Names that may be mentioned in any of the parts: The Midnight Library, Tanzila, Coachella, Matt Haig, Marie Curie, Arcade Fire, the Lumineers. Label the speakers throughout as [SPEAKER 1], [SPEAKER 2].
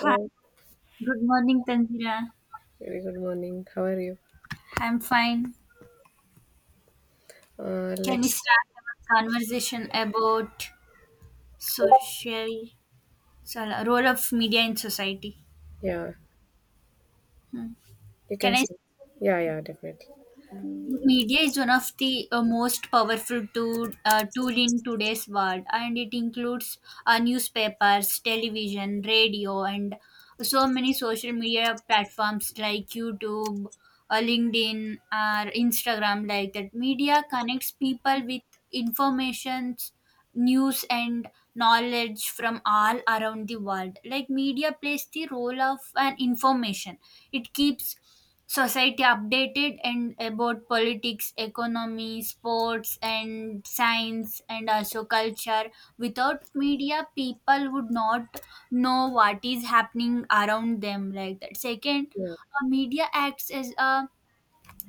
[SPEAKER 1] Hi,
[SPEAKER 2] Oh,
[SPEAKER 1] good morning, Tanzila.
[SPEAKER 2] very good morning. How are you?
[SPEAKER 1] I'm fine.
[SPEAKER 2] Uh,
[SPEAKER 1] Can we
[SPEAKER 2] let's,
[SPEAKER 1] start our conversation about social role of media in society?
[SPEAKER 2] yeah,
[SPEAKER 1] Hmm.
[SPEAKER 2] you can
[SPEAKER 1] Can I?
[SPEAKER 2] stay. Yeah, yeah, definitely.
[SPEAKER 1] Media is one of the most powerful tool in today's world, and it includes newspapers, television, radio, and so many social media platforms like YouTube, LinkedIn, or Instagram. Like that, media connects people with informations, news, and knowledge from all around the world. Like media plays the role of an information, it keeps society updated and about politics, economy, sports, and science, and also culture. Without media people would not know what is happening around them. Like that, second,
[SPEAKER 2] Yeah,
[SPEAKER 1] a media acts as a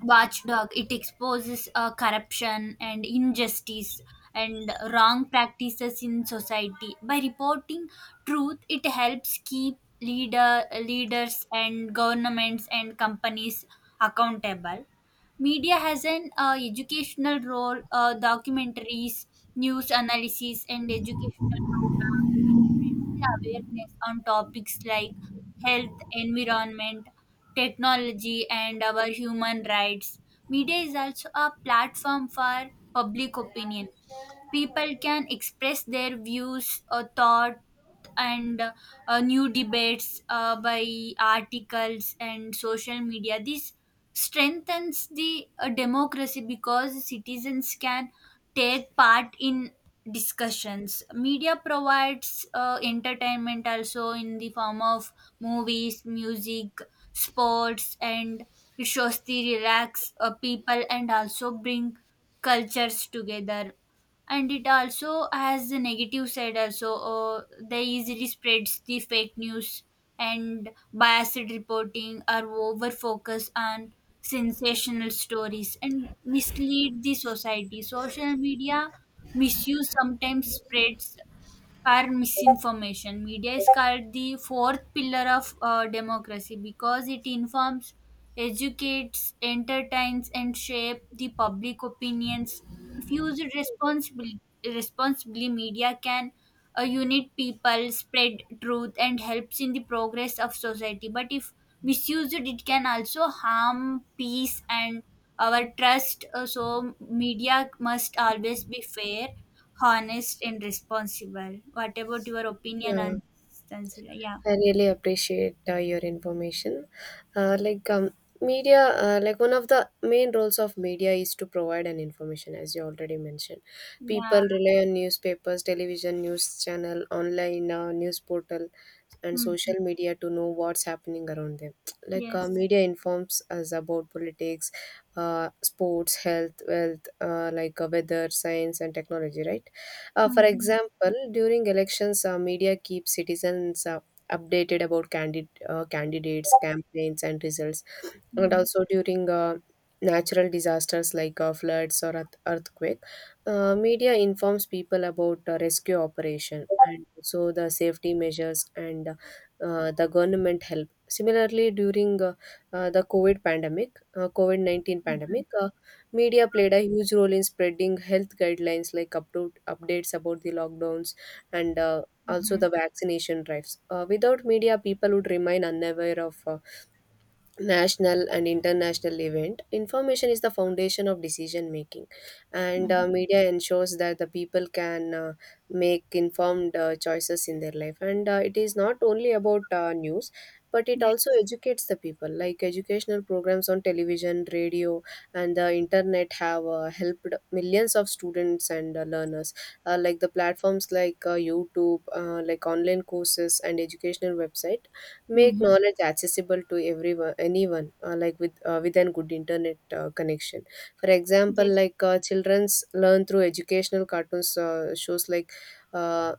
[SPEAKER 1] watchdog. It exposes corruption and injustice and wrong practices in society. By reporting truth, it helps keep leaders and governments and companies accountable. Media has an educational role. Documentaries, news analysis, and educational programs. It spreads the awareness on topics like health, environment, technology, and our human rights. Media is also a platform for public opinion. People can express their views, thought, and new debates by articles and social media. This strengthens the democracy because citizens can take part in discussions. Media provides entertainment also, in the form of movies, music, sports, and it shows the relax people and also bring cultures together. And it also has the negative side also. They easily spreads the fake news and biased reporting or over focus on sensational stories and mislead the society. Social media misuse sometimes spreads are misinformation. Media is called the fourth pillar of democracy because it informs, educates, entertains, and shape the public opinions. If used responsibly, media can unite people, spread truth, and helps in the progress of society. But if misused, it can also harm peace and our trust. So media must always be fair, honest, and responsible. What about your opinion
[SPEAKER 2] yeah.
[SPEAKER 1] on this, Tanzila? Yeah.
[SPEAKER 2] I really appreciate your information. Like, media, like one of the main roles of media is to provide an information, as you already mentioned. People
[SPEAKER 1] Yeah.
[SPEAKER 2] rely on newspapers, television, news channel, online news portal, and
[SPEAKER 1] Mm-hmm.
[SPEAKER 2] social media to know what's happening around them. Like
[SPEAKER 1] Yes.
[SPEAKER 2] media informs us about politics, sports, health, wealth, like weather, science, and technology, right? For
[SPEAKER 1] Mm-hmm.
[SPEAKER 2] example, during elections, media keeps citizens updated about candidates, campaigns, and results, and
[SPEAKER 1] Mm-hmm.
[SPEAKER 2] also during natural disasters like floods or earthquake. Media informs people about rescue operation and also the safety measures, and the government help. Similarly, during the COVID-19 pandemic, media played a huge role in spreading health guidelines like up to updates about the lockdowns, and also
[SPEAKER 1] Mm-hmm.
[SPEAKER 2] the vaccination drives. Without media people would remain unaware of national and international event. Information is the foundation of decision making, and
[SPEAKER 1] Mm-hmm.
[SPEAKER 2] media ensures that the people can make informed choices in their life. And it is not only about news, but it also
[SPEAKER 1] Yes.
[SPEAKER 2] educates the people. Like educational programs on television, radio, and the internet have helped millions of students and learners. Like the platforms like YouTube, like online courses and educational website make
[SPEAKER 1] Mm-hmm.
[SPEAKER 2] knowledge accessible to everyone anyone, like within good internet connection. For example,
[SPEAKER 1] Yes.
[SPEAKER 2] like children's learn through educational cartoons, shows like uh,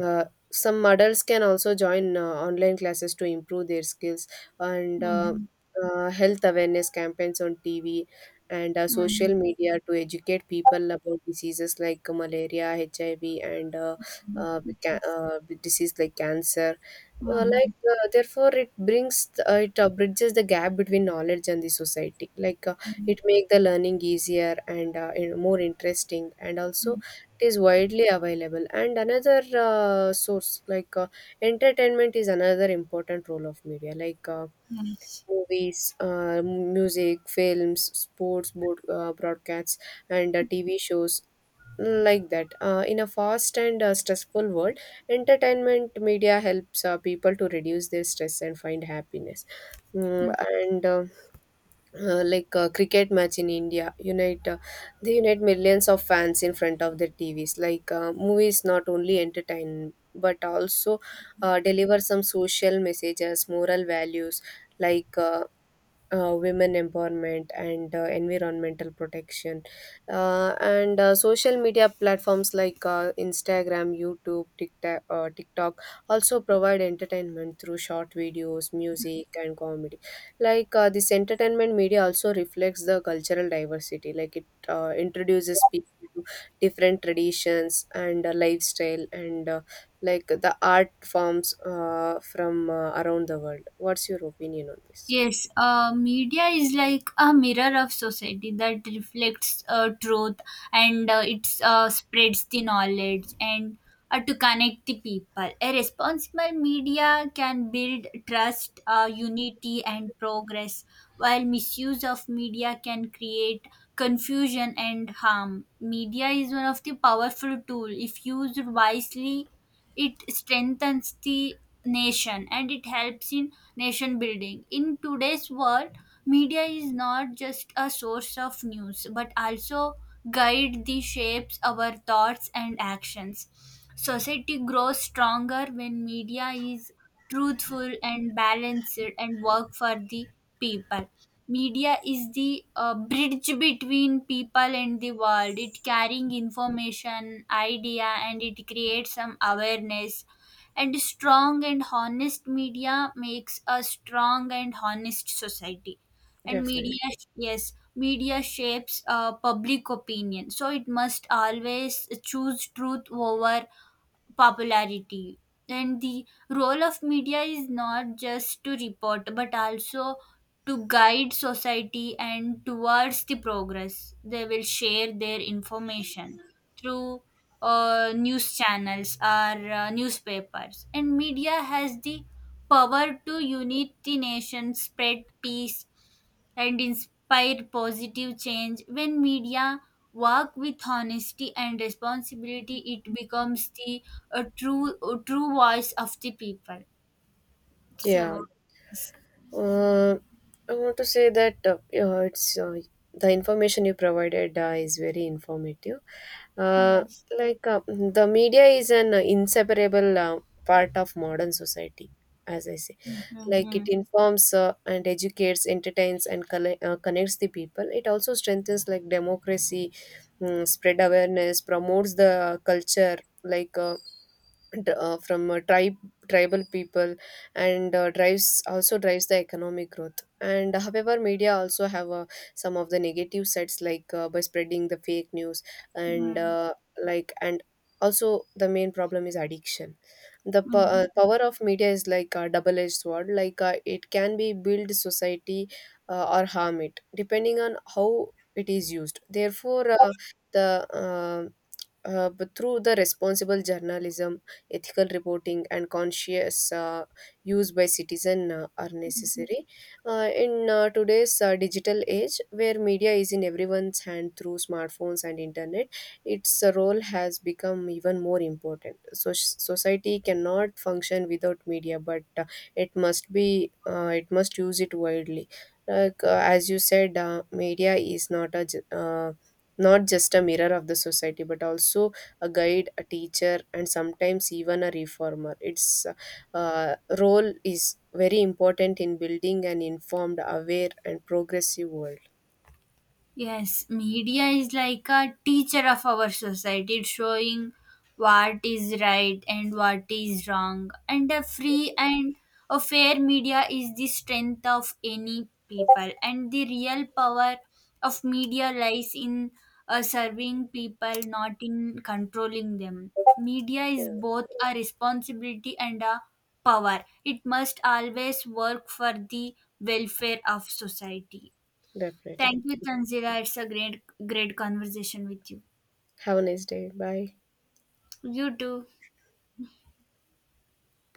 [SPEAKER 2] uh, some adults can also join online classes to improve their skills, and
[SPEAKER 1] Mm-hmm.
[SPEAKER 2] health awareness campaigns on TV and
[SPEAKER 1] Mm-hmm.
[SPEAKER 2] social media to educate people about diseases like malaria, HIV, and with disease like cancer.
[SPEAKER 1] Mm-hmm.
[SPEAKER 2] Like therefore it bridges the gap between knowledge and the society. Like it make the learning easier, and more interesting, and also it is widely available. And another source, like entertainment is another important role of media, like
[SPEAKER 1] Yes.
[SPEAKER 2] movies, music, films, sports, broadcasts, and TV shows. Like that, in a fast and stressful world, entertainment media helps people to reduce their stress and find happiness. Mm,
[SPEAKER 1] Mm-hmm.
[SPEAKER 2] and uh, uh, like a cricket match in India unite, they unite millions of fans in front of their TVs. Like movies not only entertain but also deliver some social messages, moral values, like women empowerment and environmental protection, and social media platforms like Instagram, YouTube, TikTok also provide entertainment through short videos, music, and comedy. Like this entertainment media also reflects the cultural diversity, like it introduces people to different traditions and lifestyle, and like the art forms from around the world. What's your opinion on this?
[SPEAKER 1] Yes, media is like a mirror of society that reflects truth, and it spreads the knowledge and to connect the people. A responsible media can build trust, unity, and progress, while misuse of media can create confusion and harm. Media is one of the powerful tool. If used wisely, it strengthens the nation and it helps in nation building. In today's world media is not just a source of news, but also guide the shapes our thoughts and actions. Society grows stronger when media is truthful and balanced and work for the people. Media is the bridge between people and the world. It carrying information, idea, and it creates some awareness. And strong and honest media makes a strong and honest society. And media,
[SPEAKER 2] Definitely.
[SPEAKER 1] yes, media shapes public opinion, so it must always choose truth over popularity. And the role of media is not just to report, but also to guide society and towards the progress. They will share their information through news channels or newspapers. And media has the power to unite the nation, spread peace, and inspire positive change. When media work with honesty and responsibility, it becomes the a true voice of the people.
[SPEAKER 2] Yeah.
[SPEAKER 1] So, yes,
[SPEAKER 2] Uh, I want to say that yeah, it's the information you provided is very informative. Uh,
[SPEAKER 1] yes.
[SPEAKER 2] like the media is an inseparable part of modern society, as I say.
[SPEAKER 1] Mhm,
[SPEAKER 2] Like it
[SPEAKER 1] mhm,
[SPEAKER 2] informs and educates, entertains, and connects the people. It also strengthens, like, democracy, spread awareness, promotes the culture. Like from tribe tribal people, and drives also drives the economic growth. And, however, media also have some of the negative sides, like by spreading the fake news, and
[SPEAKER 1] mhm,
[SPEAKER 2] like and also the main problem is addiction. The
[SPEAKER 1] mhm,
[SPEAKER 2] power of media is like a double edged sword, like it can be build society or harm it depending on how it is used. Therefore, the but through the responsible journalism, ethical reporting, and conscious use by citizen are
[SPEAKER 1] mhm.
[SPEAKER 2] necessary. In today's digital age, where media is in everyone's hand through smartphones and internet, its role has become even more important. So society cannot function without media, but it must use it widely. Like as you said, media is not just a mirror of the society, but also a guide, a teacher, and sometimes even a reformer. Its role is very important in building an informed, aware, and progressive world.
[SPEAKER 1] Yes, media is like a teacher of our society. It's showing what is right and what is wrong. And a free and a fair media is the strength of any people. And the real power of media lies in serving people, not in controlling them. Media is
[SPEAKER 2] Yeah,
[SPEAKER 1] both a responsibility and a power. It must always work for the welfare of society.
[SPEAKER 2] definitely.
[SPEAKER 1] Thank you, Tanzila. It's a great, great conversation with you.
[SPEAKER 2] Have a nice day. Bye.
[SPEAKER 1] You too.